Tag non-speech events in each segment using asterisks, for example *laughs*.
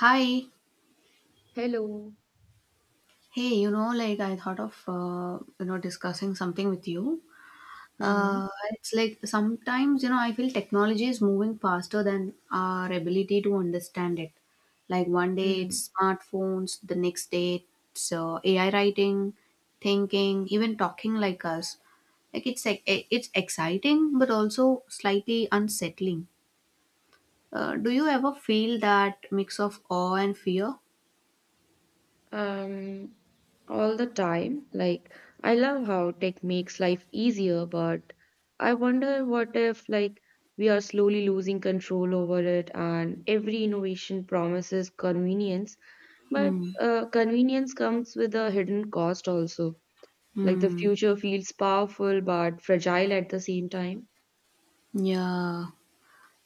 Hi. Hello. Hey, you know, like I thought of, you know, discussing something with you. Mm-hmm. Uh, it's like sometimes, you know, I feel technology is moving faster than our ability to understand it. Like one day hmm it's smartphones, the next day it's AI writing, thinking, even talking like us. It's exciting, but also slightly unsettling. Do you ever feel that mix of awe and fear? Um, all the time. Like, I love how tech makes life easier, but I wonder what if, like, we are slowly losing control over it, and every innovation promises convenience, but Hmm. Convenience comes with a hidden cost also. Like, the Hmm. future feels powerful but fragile at the same time. Yeah.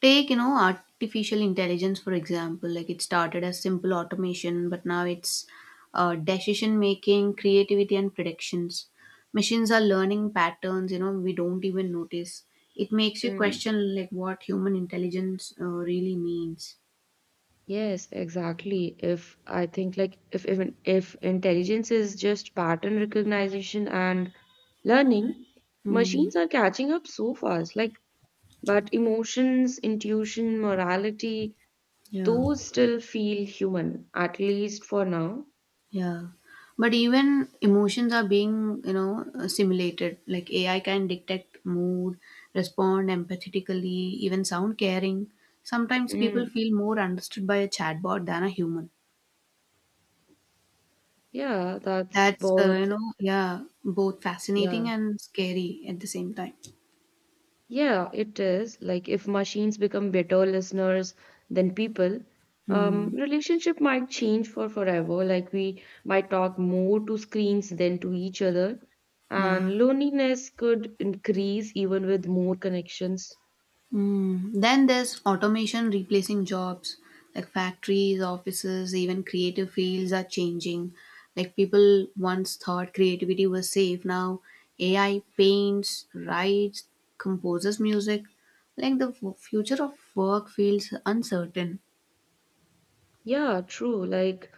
Take, you know, artificial intelligence, for example, like it started as simple automation, but now it's decision making, creativity, and predictions. Machines are learning patterns, you know, we don't even notice. It makes you Mm-hmm. question, like, what human intelligence really means. Yes, exactly. If I think like if even if intelligence is just pattern recognition and learning, Hmm. machines are catching up so fast. Like, but emotions, intuition, morality, Yeah. those still feel human, at least for now. Yeah. But even emotions are being, you know, simulated. Like AI can detect mood, respond empathetically, even sound caring. Sometimes people Mm, feel more understood by a chatbot than a human. yeah, that's That's both. you know, yeah, both fascinating Yeah. and scary at the same time. Yeah, it is. Like if machines become better listeners than people, Hmm. relationship might change for forever. Like we might talk more to screens than to each other, Yeah. and loneliness could increase even with more connections. Mm. Then there's automation replacing jobs like factories, offices, even creative fields are changing. Like people once thought creativity was safe. Now AI paints, writes, composes music. Like the future of work feels uncertain. Yeah, true. Like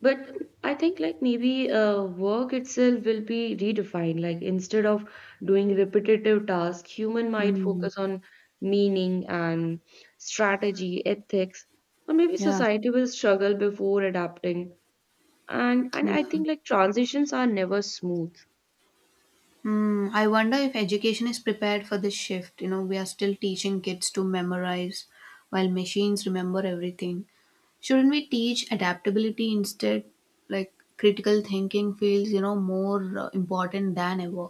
But I think like maybe work itself will be redefined. Like instead of doing repetitive tasks, human might Mm. focus on meaning and strategy, ethics, or maybe Yeah. society will struggle before adapting. And I Yeah. think like transitions are never smooth. Hmm. I wonder if education is prepared for this shift. You know, we are still teaching kids to memorize while machines remember everything. Shouldn't we teach adaptability instead? Like critical thinking feels, you know, more important than ever.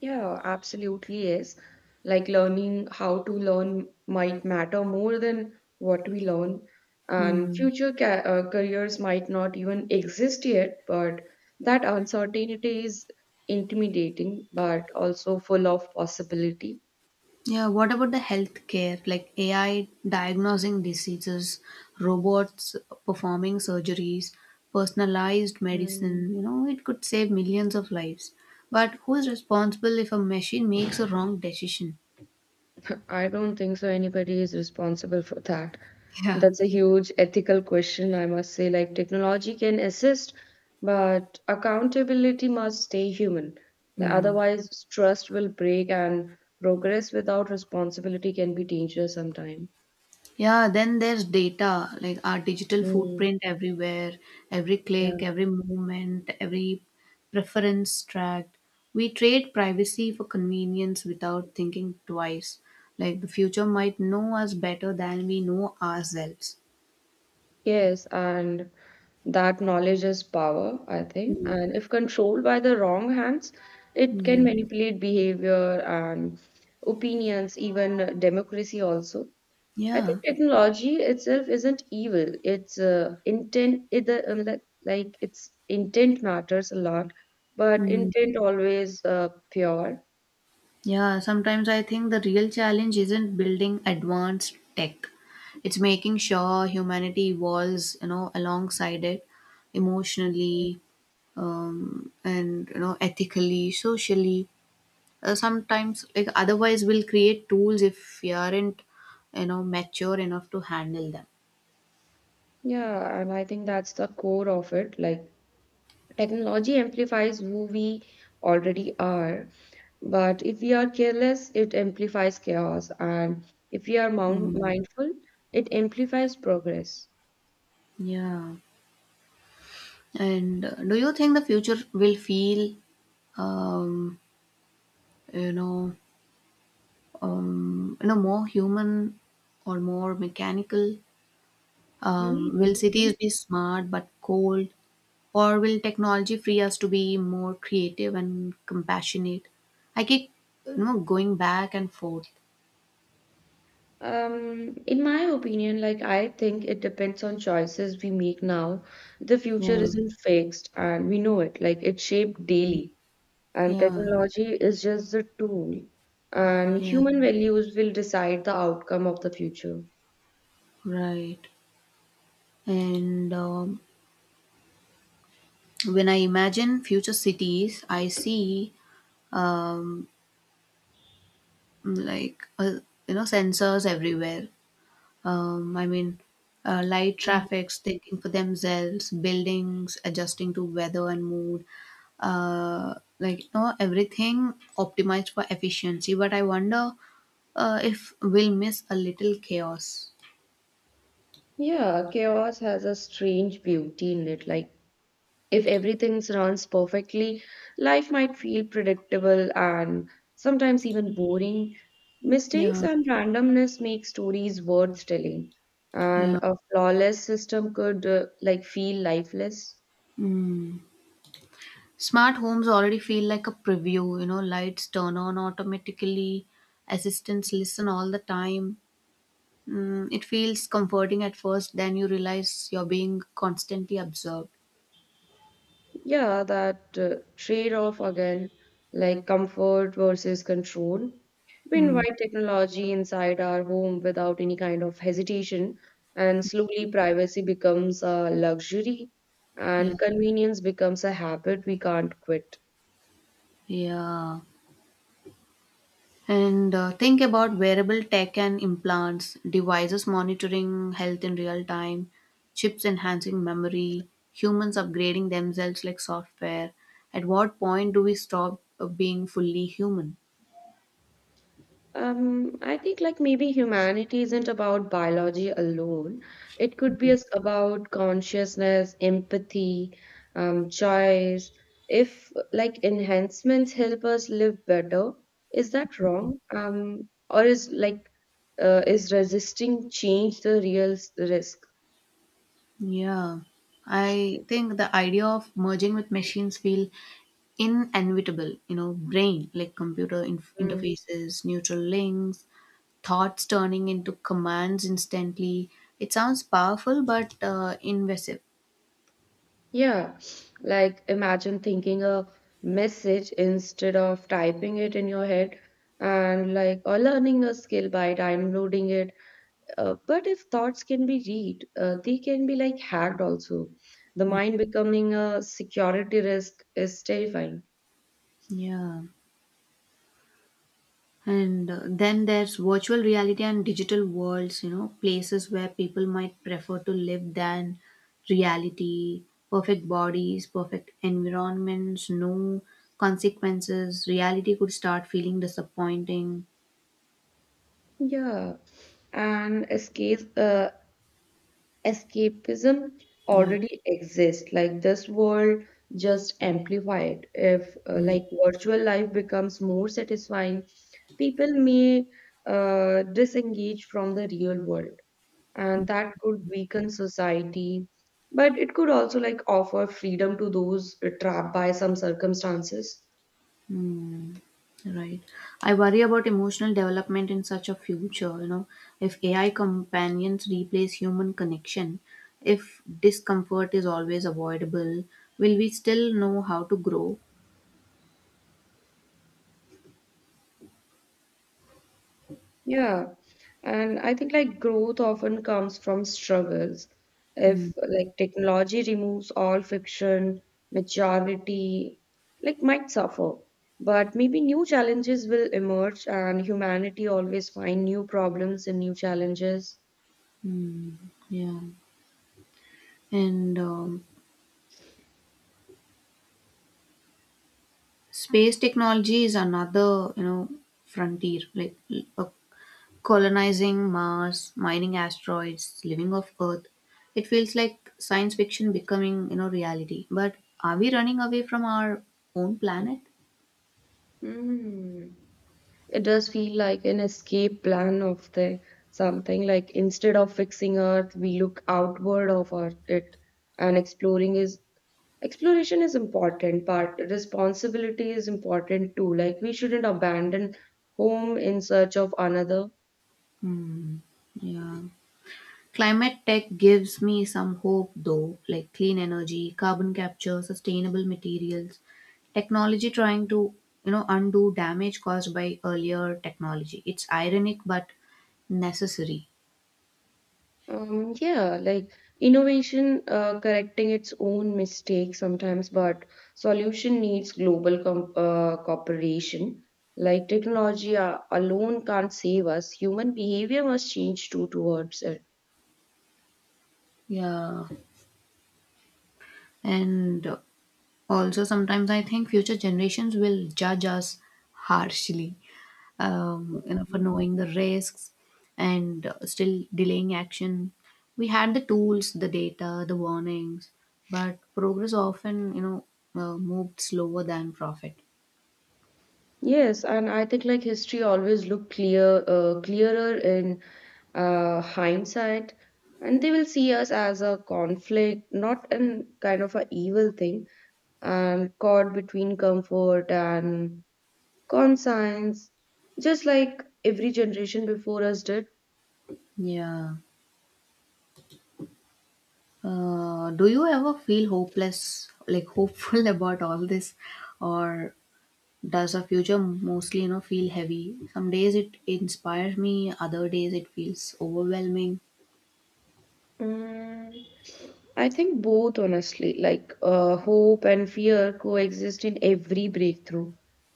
Yeah, absolutely is. Like learning how to learn might matter more than what we learn, and Hmm. future ca careers might not even exist yet, but that uncertainty is intimidating, but also full of possibility. Yeah, what about the healthcare, like AI diagnosing diseases, robots performing surgeries, personalized Hmm. medicine, you know, it could save millions of lives. But who is responsible if a machine makes a wrong decision? *laughs* I don't think so anybody is responsible for that. *laughs* Yeah. That's a huge ethical question, I must say. Like, technology can assist, but accountability must stay human. Hmm. Otherwise, trust will break, and progress without responsibility can be dangerous sometimes. Yeah, then there's data, like our digital Mm, footprint everywhere, every yeah. click, every movement, every preference tracked. We trade privacy for convenience without thinking twice. Like the future might know us better than we know ourselves. Yes, and that knowledge is power, I think. Mm, And if controlled by the wrong hands, it can mm, manipulate behavior and opinions, even democracy also. I yeah. think technology itself isn't evil. It's intent, either, like, its intent matters a lot, but Mm. intent always pure. Yeah, sometimes I think the real challenge isn't building advanced tech. It's making sure humanity evolves, you know, alongside it Mm. emotionally, and you know ethically socially sometimes like otherwise we'll create tools if we aren't you know mature enough to handle them. Yeah, and I think that's the core of it. Like, technology amplifies who we already are, but if we are careless, it amplifies chaos, and if we are Mm, mindful, it amplifies progress. yeah. And do you think the future will feel um, you know you know more human or more mechanical, will Maybe. cities be smart but cold? Or will technology free us to be more creative and compassionate? I keep you know going back and forth. In my opinion, like I think it depends on choices we make now. The future Yeah, isn't fixed, and we know it. Like it's shaped daily, and yeah, technology is just the tool. And yeah, human values will decide the outcome of the future. right. And when I imagine future cities, I see mm, like uh, you know sensors everywhere. I mean, light Mm. traffic's thinking for themselves, buildings adjusting to weather and mood, like you know, everything optimized for efficiency. But I wonder if we'll miss a little chaos. Yeah, chaos has a strange beauty in it. Like if everything runs perfectly, life might feel predictable and sometimes even boring. Mistakes Yeah, and randomness make stories worth telling, and yeah. a flawless system could like feel lifeless. Smart homes already feel like a preview, you know, lights turn on automatically, assistants listen all the time. Mm, it feels comforting at first, then you realize you're being constantly observed. Yeah, that trade-off again, like comfort versus control. We Mm, invite technology inside our home without any kind of hesitation, and slowly privacy becomes a luxury, yeah. and convenience becomes a habit we can't quit. Yeah. And think about wearable tech and implants, devices monitoring health in real time, chips enhancing memory, humans upgrading themselves like software. At what point do we stop being fully human? I think like maybe humanity isn't about biology alone. It could be as about consciousness, empathy, choice. If like enhancements help us live better, is that wrong? Or is like is resisting change the real risk? Yeah. I think the idea of merging with machines feel inevitable, you know, brain like computer Mm. interfaces, neutral links, thoughts turning into commands instantly. It sounds powerful but invasive. Yeah, like imagine thinking a message instead of typing it in your head, and like or learning a skill by downloading it. But if thoughts can be read, they can be like hacked also. The mind becoming a security risk is terrifying. Yeah. And then there's virtual reality and digital worlds, you know, places where people might prefer to live than reality, perfect bodies, perfect environments, no consequences. Reality could start feeling disappointing. Yeah, and escapism Yeah. already exists. Like this world just amplified. If like virtual life becomes more satisfying, people may disengage from the real world, and that could weaken society, but it could also like offer freedom to those trapped by some circumstances. Hmm. Right. I worry about emotional development in such a future, you know, if AI companions replace human connection, if discomfort is always avoidable, will we still know how to grow? Yeah, and I think like growth often comes from struggles. Hmm. If like technology removes all friction, majority like might suffer, but maybe new challenges will emerge, and humanity always find new problems and new challenges. Mm, yeah. And space technology is another, you know, frontier, like a colonizing Mars, mining asteroids, living off Earth. It feels like science fiction becoming, you know, reality. But are we running away from our own planet? Hmm. It does feel like an escape plan of the something, like instead of fixing earth we look outward of our, it, and exploring is exploration is important, but responsibility is important too. Like we shouldn't abandon home in search of another. Hmm. Yeah. Climate tech gives me some hope though, like clean energy, carbon capture, sustainable materials, technology trying to, you know, undo damage caused by earlier technology. It's ironic but necessary. Yeah, like innovation correcting its own mistakes sometimes, but solution needs global com cooperation. Like technology alone can't save us. Human behavior must change too towards it. Yeah. And also, sometimes I think future generations will judge us harshly, you know, for knowing the risks and still delaying action. We had the tools, the data, the warnings, but progress often, you know, moved slower than profit. Yes, and I think like history always look clear, clearer in hindsight, and they will see us as a conflict, not in kind of a evil thing, and caught between comfort and conscience, just like every generation before us did. Yeah. Do you ever feel hopeless, like hopeful *laughs* about all this, or does the future mostly you know feel heavy? Some days it inspires me, other days it feels overwhelming. Mm, I think both, honestly. Like hope and fear coexist in every breakthrough.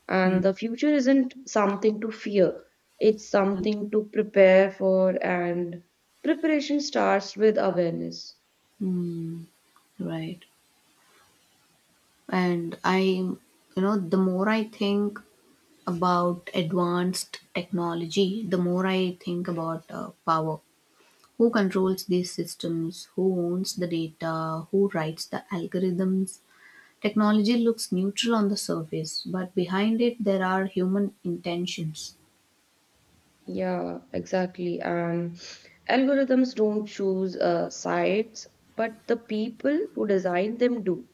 And the future isn't something to fear, it's something to prepare for, and preparation starts with awareness. Right. And I you know the more I think about advanced technology the more I think about power. Who controls these systems, who owns the data, who writes the algorithms? Technology looks neutral on the surface but behind it there are human intentions. Yeah, exactly. And algorithms don't choose sites, but the people who design them do.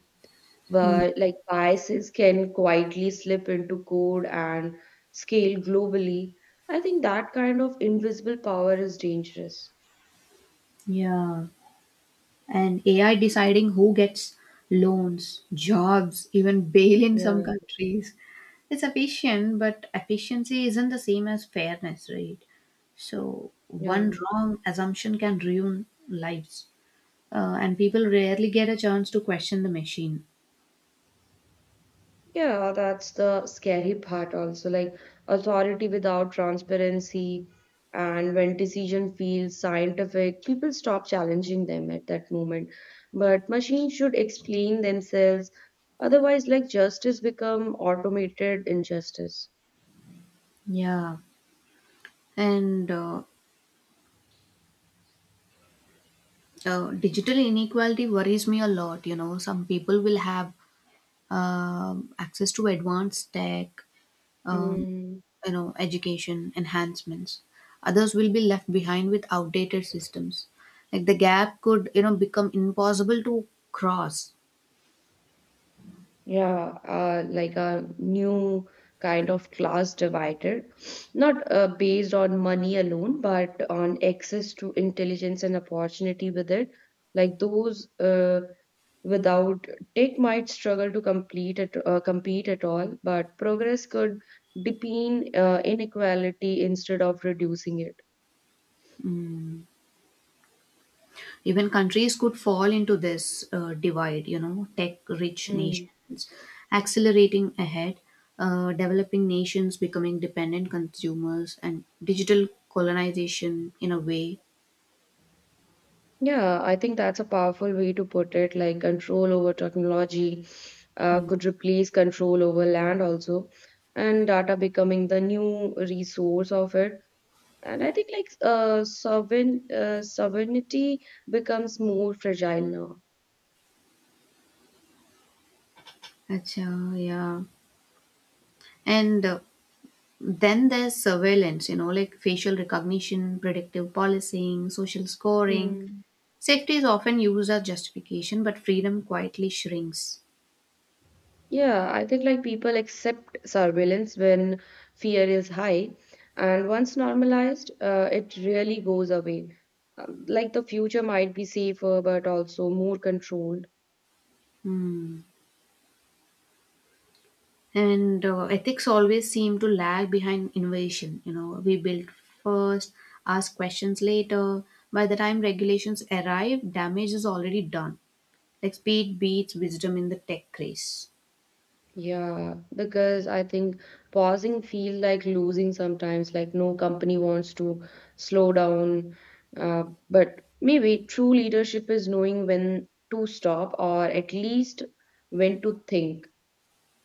But like biases can quietly slip into code and scale globally. I think that kind of invisible power is dangerous. Yeah. And AI deciding who gets loans, jobs, even bail in some Yeah, countries. It's efficient, but efficiency isn't the same as fairness, right? So, yeah. one wrong assumption can ruin lives, and people rarely get a chance to question the machine. Yeah, that's the scary part also. Like authority without transparency, and when decision feels scientific, people stop challenging them at that moment. But machines should explain themselves. Otherwise, like justice become automated injustice. Yeah, and digital inequality worries me a lot. You know, some people will have access to advanced tech, uh, Mm. you know education enhancements, others will be left behind with outdated systems, like the gap could you know become impossible to cross. Yeah, like a new kind of class divided, not based on money alone, but on access to intelligence and opportunity with it. Like those without tech might struggle to compete at all, but progress could deepen inequality instead of reducing it. Even countries could fall into this divide, you know, tech rich nations accelerating ahead, developing nations becoming dependent consumers and digital colonization in a way. Yeah, I think that's a powerful way to put it. Like control over technology could replace control over land also, and data becoming the new resource of it. And I think like sovereignty becomes more fragile now. Acha, yeah. And then there's surveillance, you know, like facial recognition, predictive policing, social scoring. Hmm. Safety is often used as justification, but freedom quietly shrinks. Yeah, I think like people accept surveillance when fear is high, and once normalized, it really goes away. Like the future might be safer, but also more controlled. Hmm. And ethics always seem to lag behind innovation. You know, we build first, ask questions later. By the time regulations arrive, damage is already done. Like speed beats wisdom in the tech craze. Yeah, because I think pausing feel like losing sometimes, like no company wants to slow down. But maybe true leadership is knowing when to stop, or at least when to think.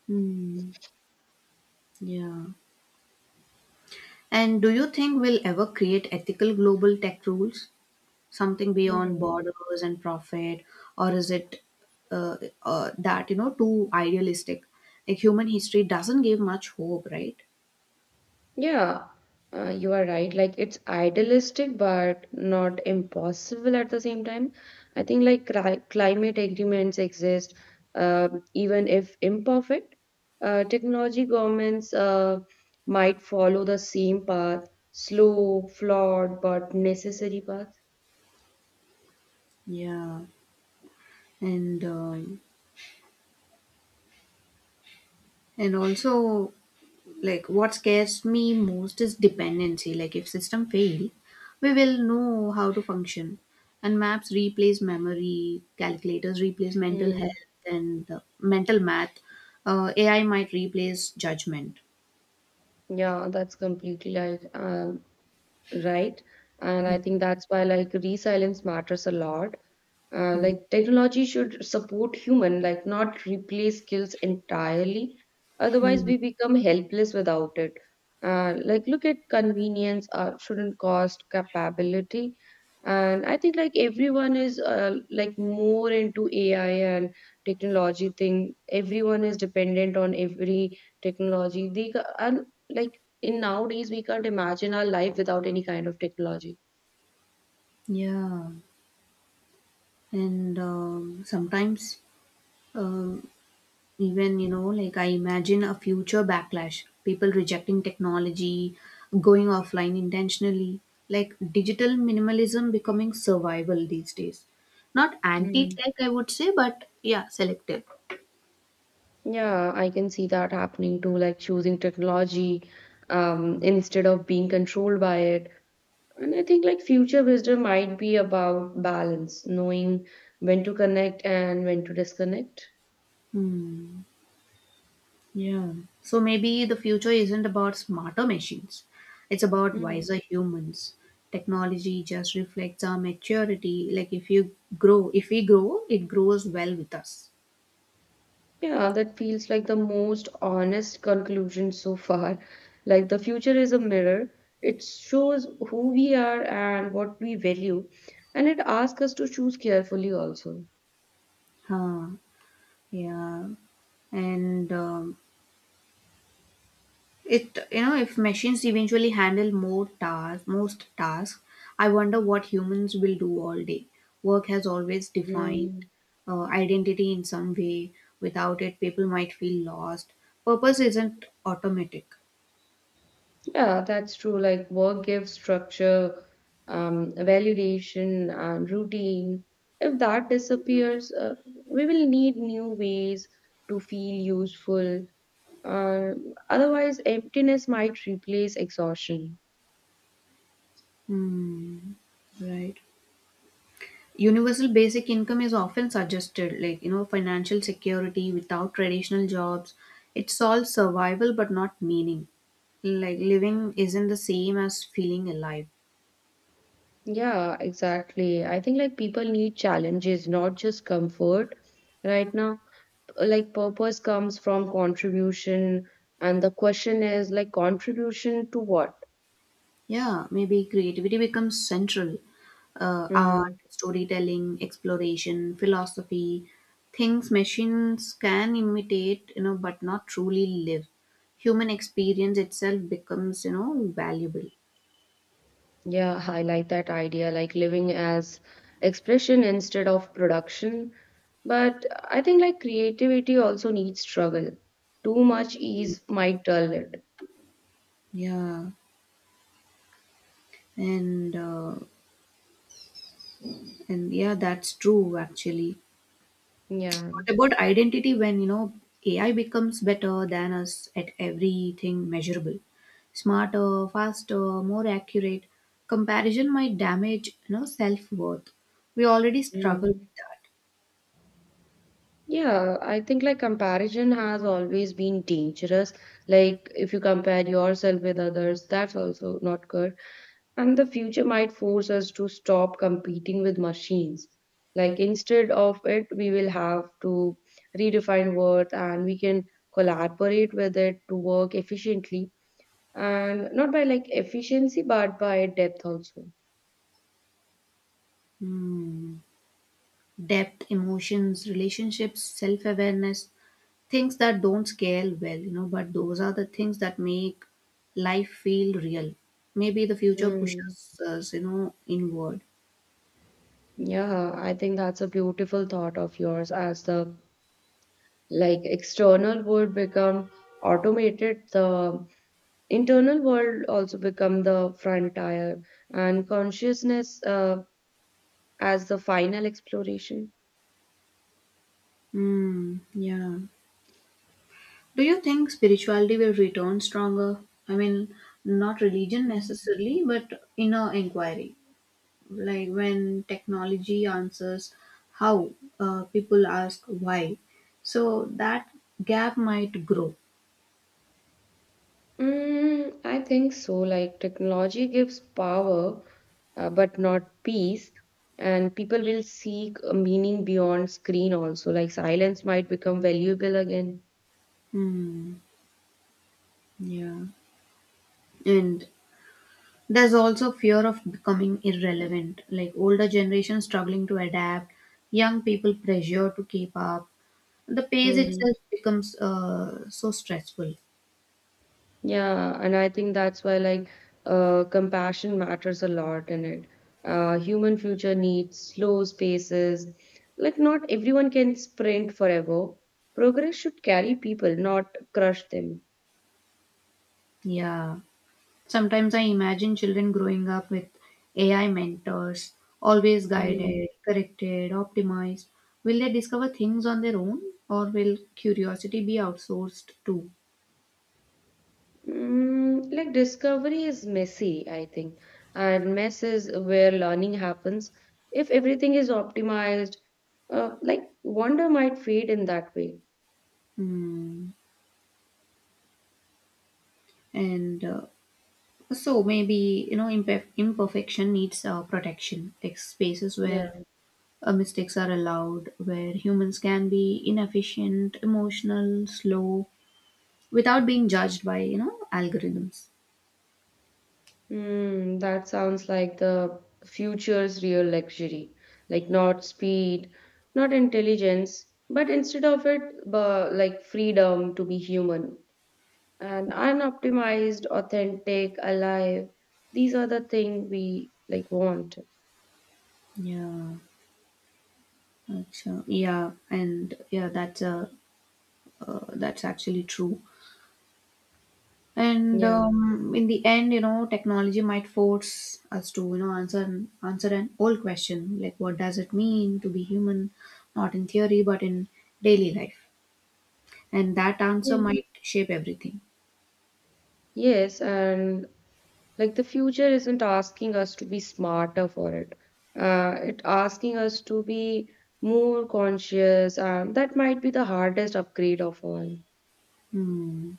Hmm. Yeah. And do you think we'll ever create ethical global tech rules? Something beyond Hmm. borders and profit? Or is it uh, that you know too idealistic? Like human history doesn't give much hope, right? Yeah, you are right. Like it's idealistic, but not impossible at the same time. I think like climate agreements exist, even if imperfect. Technology governments might follow the same path, slow, flawed, but necessary path. Yeah. And and also like what scares me most is dependency, like if system fail we will know how to function, and maps replace memory, calculators replace mental Hmm. health, and mental math, AI might replace judgment. Yeah, that's completely right. Right? And I think that's why like resilience matters a lot. Like technology should support human, like not replace skills entirely. Otherwise, Mm, we become helpless without it. Like look at convenience shouldn't cost capability, and I think like everyone is like more into AI and technology thing. Everyone is dependent on every technology. They and like in nowadays we can't imagine our life without any kind of technology. yeah. And sometimes um, even you know like I imagine a future backlash, people rejecting technology, going offline intentionally, like digital minimalism becoming survival these days, not Mm. anti-tech I would say but yeah selective. Yeah, I can see that happening too, like choosing technology, instead of being controlled by it. And I think like future wisdom might be about balance, knowing when to connect and when to disconnect. Hmm. Yeah. So maybe the future isn't about smarter machines. It's about wiser humans. Technology just reflects our maturity. Like if we grow, it grows well with us. Yeah, that feels like the most honest conclusion so far. Like the future is a mirror. It shows who we are and what we value, and it asks us to choose carefully also. Huh. Yeah. And it you know if machines eventually handle more tasks, most tasks, I wonder what humans will do all day. Work has always defined Mm, uh, identity in some way. Without it, people might feel lost. Purpose isn't automatic. yeah, that's true. Like work gives structure, validation, and routine. If that disappears, we will need new ways to feel useful. Uh, Otherwise, emptiness might replace exhaustion. Hmm, right. Universal basic income is often suggested, like you know, financial security without traditional jobs. It solves survival but not meaning. Like living isn't the same as feeling alive. Yeah, exactly. I think like people need challenges, not just comfort right now. Like purpose comes from contribution, and the question is like contribution to what? Yeah, maybe creativity becomes central. Art, Mm, storytelling, exploration, philosophy, things machines can imitate, you know, but not truly live. Human experience itself becomes, you know, valuable. yeah, I like that idea, like living as expression instead of production. But I think like creativity also needs struggle. Too much ease might dull it. Yeah, and uh, and yeah, that's true actually. Yeah. What about identity when, you know, AI becomes better than us at everything measurable? Smarter, faster, more accurate. Comparison might damage, you know, self-worth. We already struggle Mm. with that. Yeah, I think like comparison has always been dangerous. Like if you compare yourself with others, that's also not good. And the future might force us to stop competing with machines. Like instead of it, we will have to redefine worth, and we can collaborate with it to work efficiently, and not by like efficiency, but by depth also. Hmm. Depth, emotions, relationships, self-awareness, things that don't scale well, you know, but those are the things that make life feel real. Maybe the future Mm. pushes us, you know, inward. Yeah, I think that's a beautiful thought of yours, as the like external world become automated, the internal world also become the frontier, and consciousness as the final exploration. Hmm, yeah. Do you think spirituality will return stronger? I mean, not religion necessarily, but inner inquiry. Like when technology answers how, people ask why. So that gap might grow. Mm, I think so, like technology gives power, but not peace, and people will seek a meaning beyond screen also. Like silence might become valuable again. Hmm. Yeah. And there's also fear of becoming irrelevant, like older generation struggling to adapt, young people pressure to keep up. The pace Hmm. itself becomes so stressful. Yeah, and I think that's why like compassion matters a lot in it. Human future needs slow spaces. Like not everyone can sprint forever. Progress should carry people, not crush them. Yeah. Sometimes I imagine children growing up with AI mentors, always Hmm. guided, corrected, optimized. Will they discover things on their own or will curiosity be outsourced too? Mm, like discovery is messy, I think, and mess is where learning happens. If everything is optimized, like wonder might fade in that way. Hmm. And so maybe, you know, imperfection needs protection, like spaces Yeah. where mistakes are allowed, where humans can be inefficient, emotional, slow, without being judged by, you know, algorithms. Mm, that sounds like the future's real luxury. Like not speed, not intelligence, but instead of it, like freedom to be human and unoptimized, authentic, alive. These are the things we like want. Yeah. Acha. Yeah, and yeah, that's a that's actually true. And Yeah. In the end, you know, technology might force us to, you know, answer an old question like, what does it mean to be human? Not in theory, but in daily life. And that answer Yeah. might shape everything. Yes, and like the future isn't asking us to be smarter for it. It asking us to be more conscious, and that might be the hardest upgrade of all. Hmm.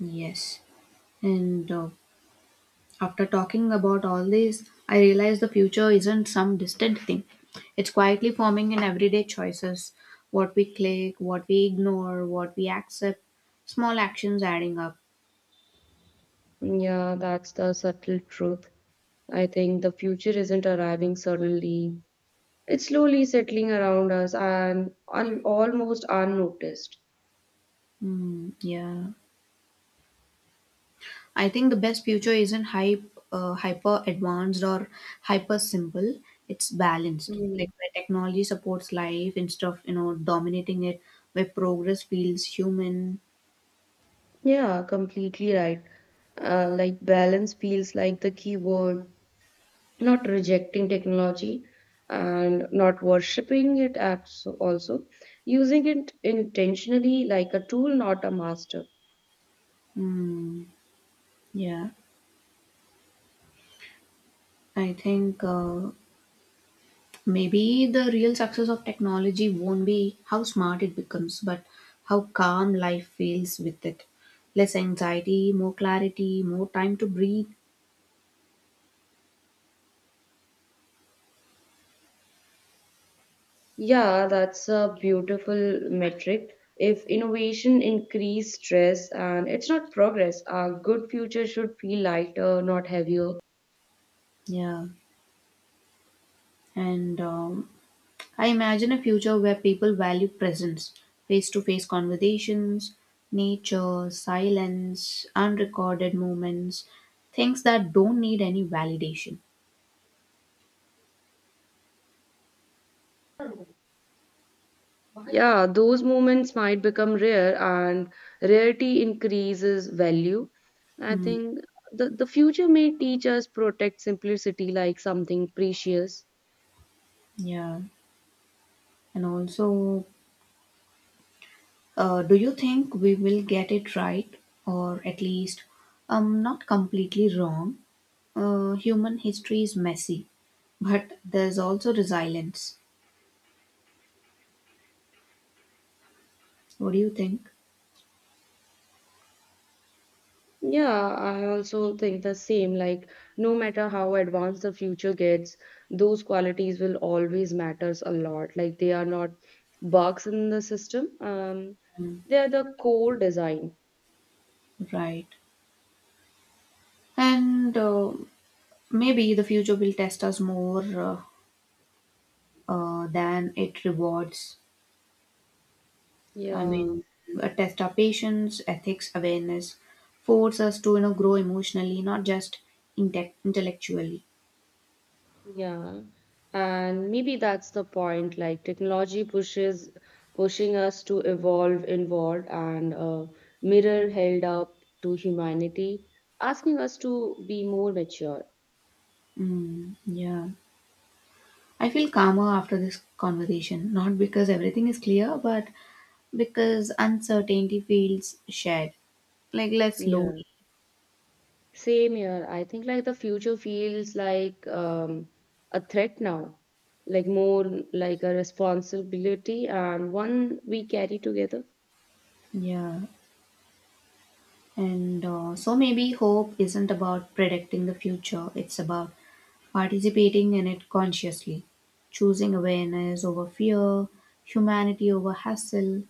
Yes. And after talking about all this, I realize the future isn't some distant thing. It's quietly forming in everyday choices, what we click, what we ignore, what we accept, small actions adding up. Yeah, that's the subtle truth. I think the future isn't arriving suddenly. It's slowly settling around us and almost unnoticed. Hmm, yeah. I think the best future isn't hyper advanced or hyper simple, it's balanced. Like Mm. where technology supports life instead of you know dominating it, where progress feels human. Yeah, completely right. Like balance feels like the key word. Not rejecting technology and not worshipping it also. Using it intentionally like a tool, not a master. Hmm, yeah. I think. Maybe the real success of technology won't be how smart it becomes, but how calm life feels with it. Less anxiety, more clarity, more time to breathe. Yeah, that's a beautiful metric. If innovation increase stress and it's not progress, our good future should feel lighter, not heavier. Yeah. And I imagine a future where people value presence, face to face conversations, nature, silence, unrecorded moments, things that don't need any validation. Yeah, those moments might become rare, and rarity increases value. I Hmm. think the future may teach us protect simplicity like something precious. Yeah. And also, uh, do you think we will get it right, or at least not completely wrong? Human history is messy, but there's also resilience. What do you think? Yeah, I also think the same. Like, no matter how advanced the future gets, those qualities will always matters a lot. Like, they are not bugs in the system. Mm, They are the core design. right. And maybe the future will test us more than it rewards. I Yeah, mean, test our patience, ethics, awareness, force us to you know grow emotionally, not just intellectually. yeah. And maybe that's the point. Like, technology pushes pushing us to evolve inward, and a mirror held up to humanity, asking us to be more mature. Mm, yeah. I feel calmer after this conversation, not because everything is clear, but because uncertainty feels shared, like less lonely. Yeah. Same here. I think like the future feels like a threat now, like more like a responsibility, and one we carry together. Yeah. And so maybe hope isn't about predicting the future, it's about participating in it consciously, choosing awareness over fear, humanity over hassle.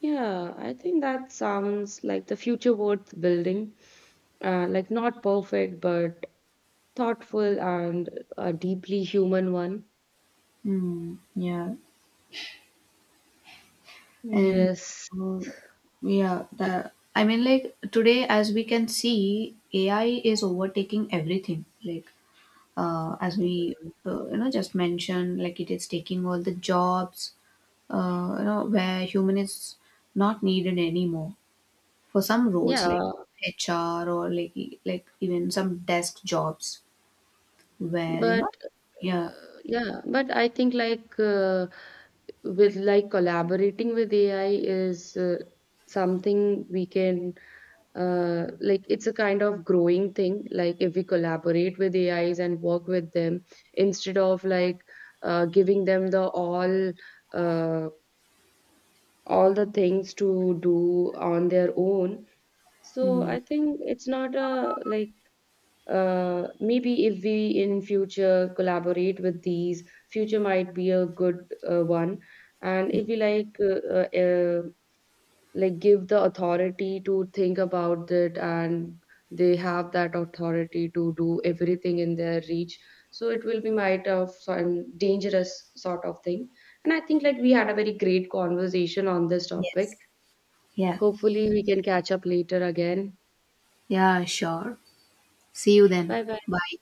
Yeah, I think that sounds like the future worth building. Like not perfect, but thoughtful and a deeply human one. Hmm, yeah. And Yes. um, yeah, the I mean, like today, as we can see, AI is overtaking everything. Like as we you know just mentioned, like it is taking all the jobs. You know where human is not needed anymore for some roles like Yeah, HR or like like even some desk jobs where you know but yeah Yeah, but I think like with like collaborating with AI is something we can like it's a kind of growing thing. Like if we collaborate with AIs and work with them instead of like giving them the uh, all the things to do on their own. So mm, I think it's not a like maybe if we in future collaborate with these, future might be a good one. And if we like give the authority to think about it, and they have that authority to do everything in their reach, so it will be might of some dangerous sort of thing. And I think like we had a very great conversation on this yes topic. yeah Hopefully we can catch up later again. yeah sure. See you then. Bye bye Bye.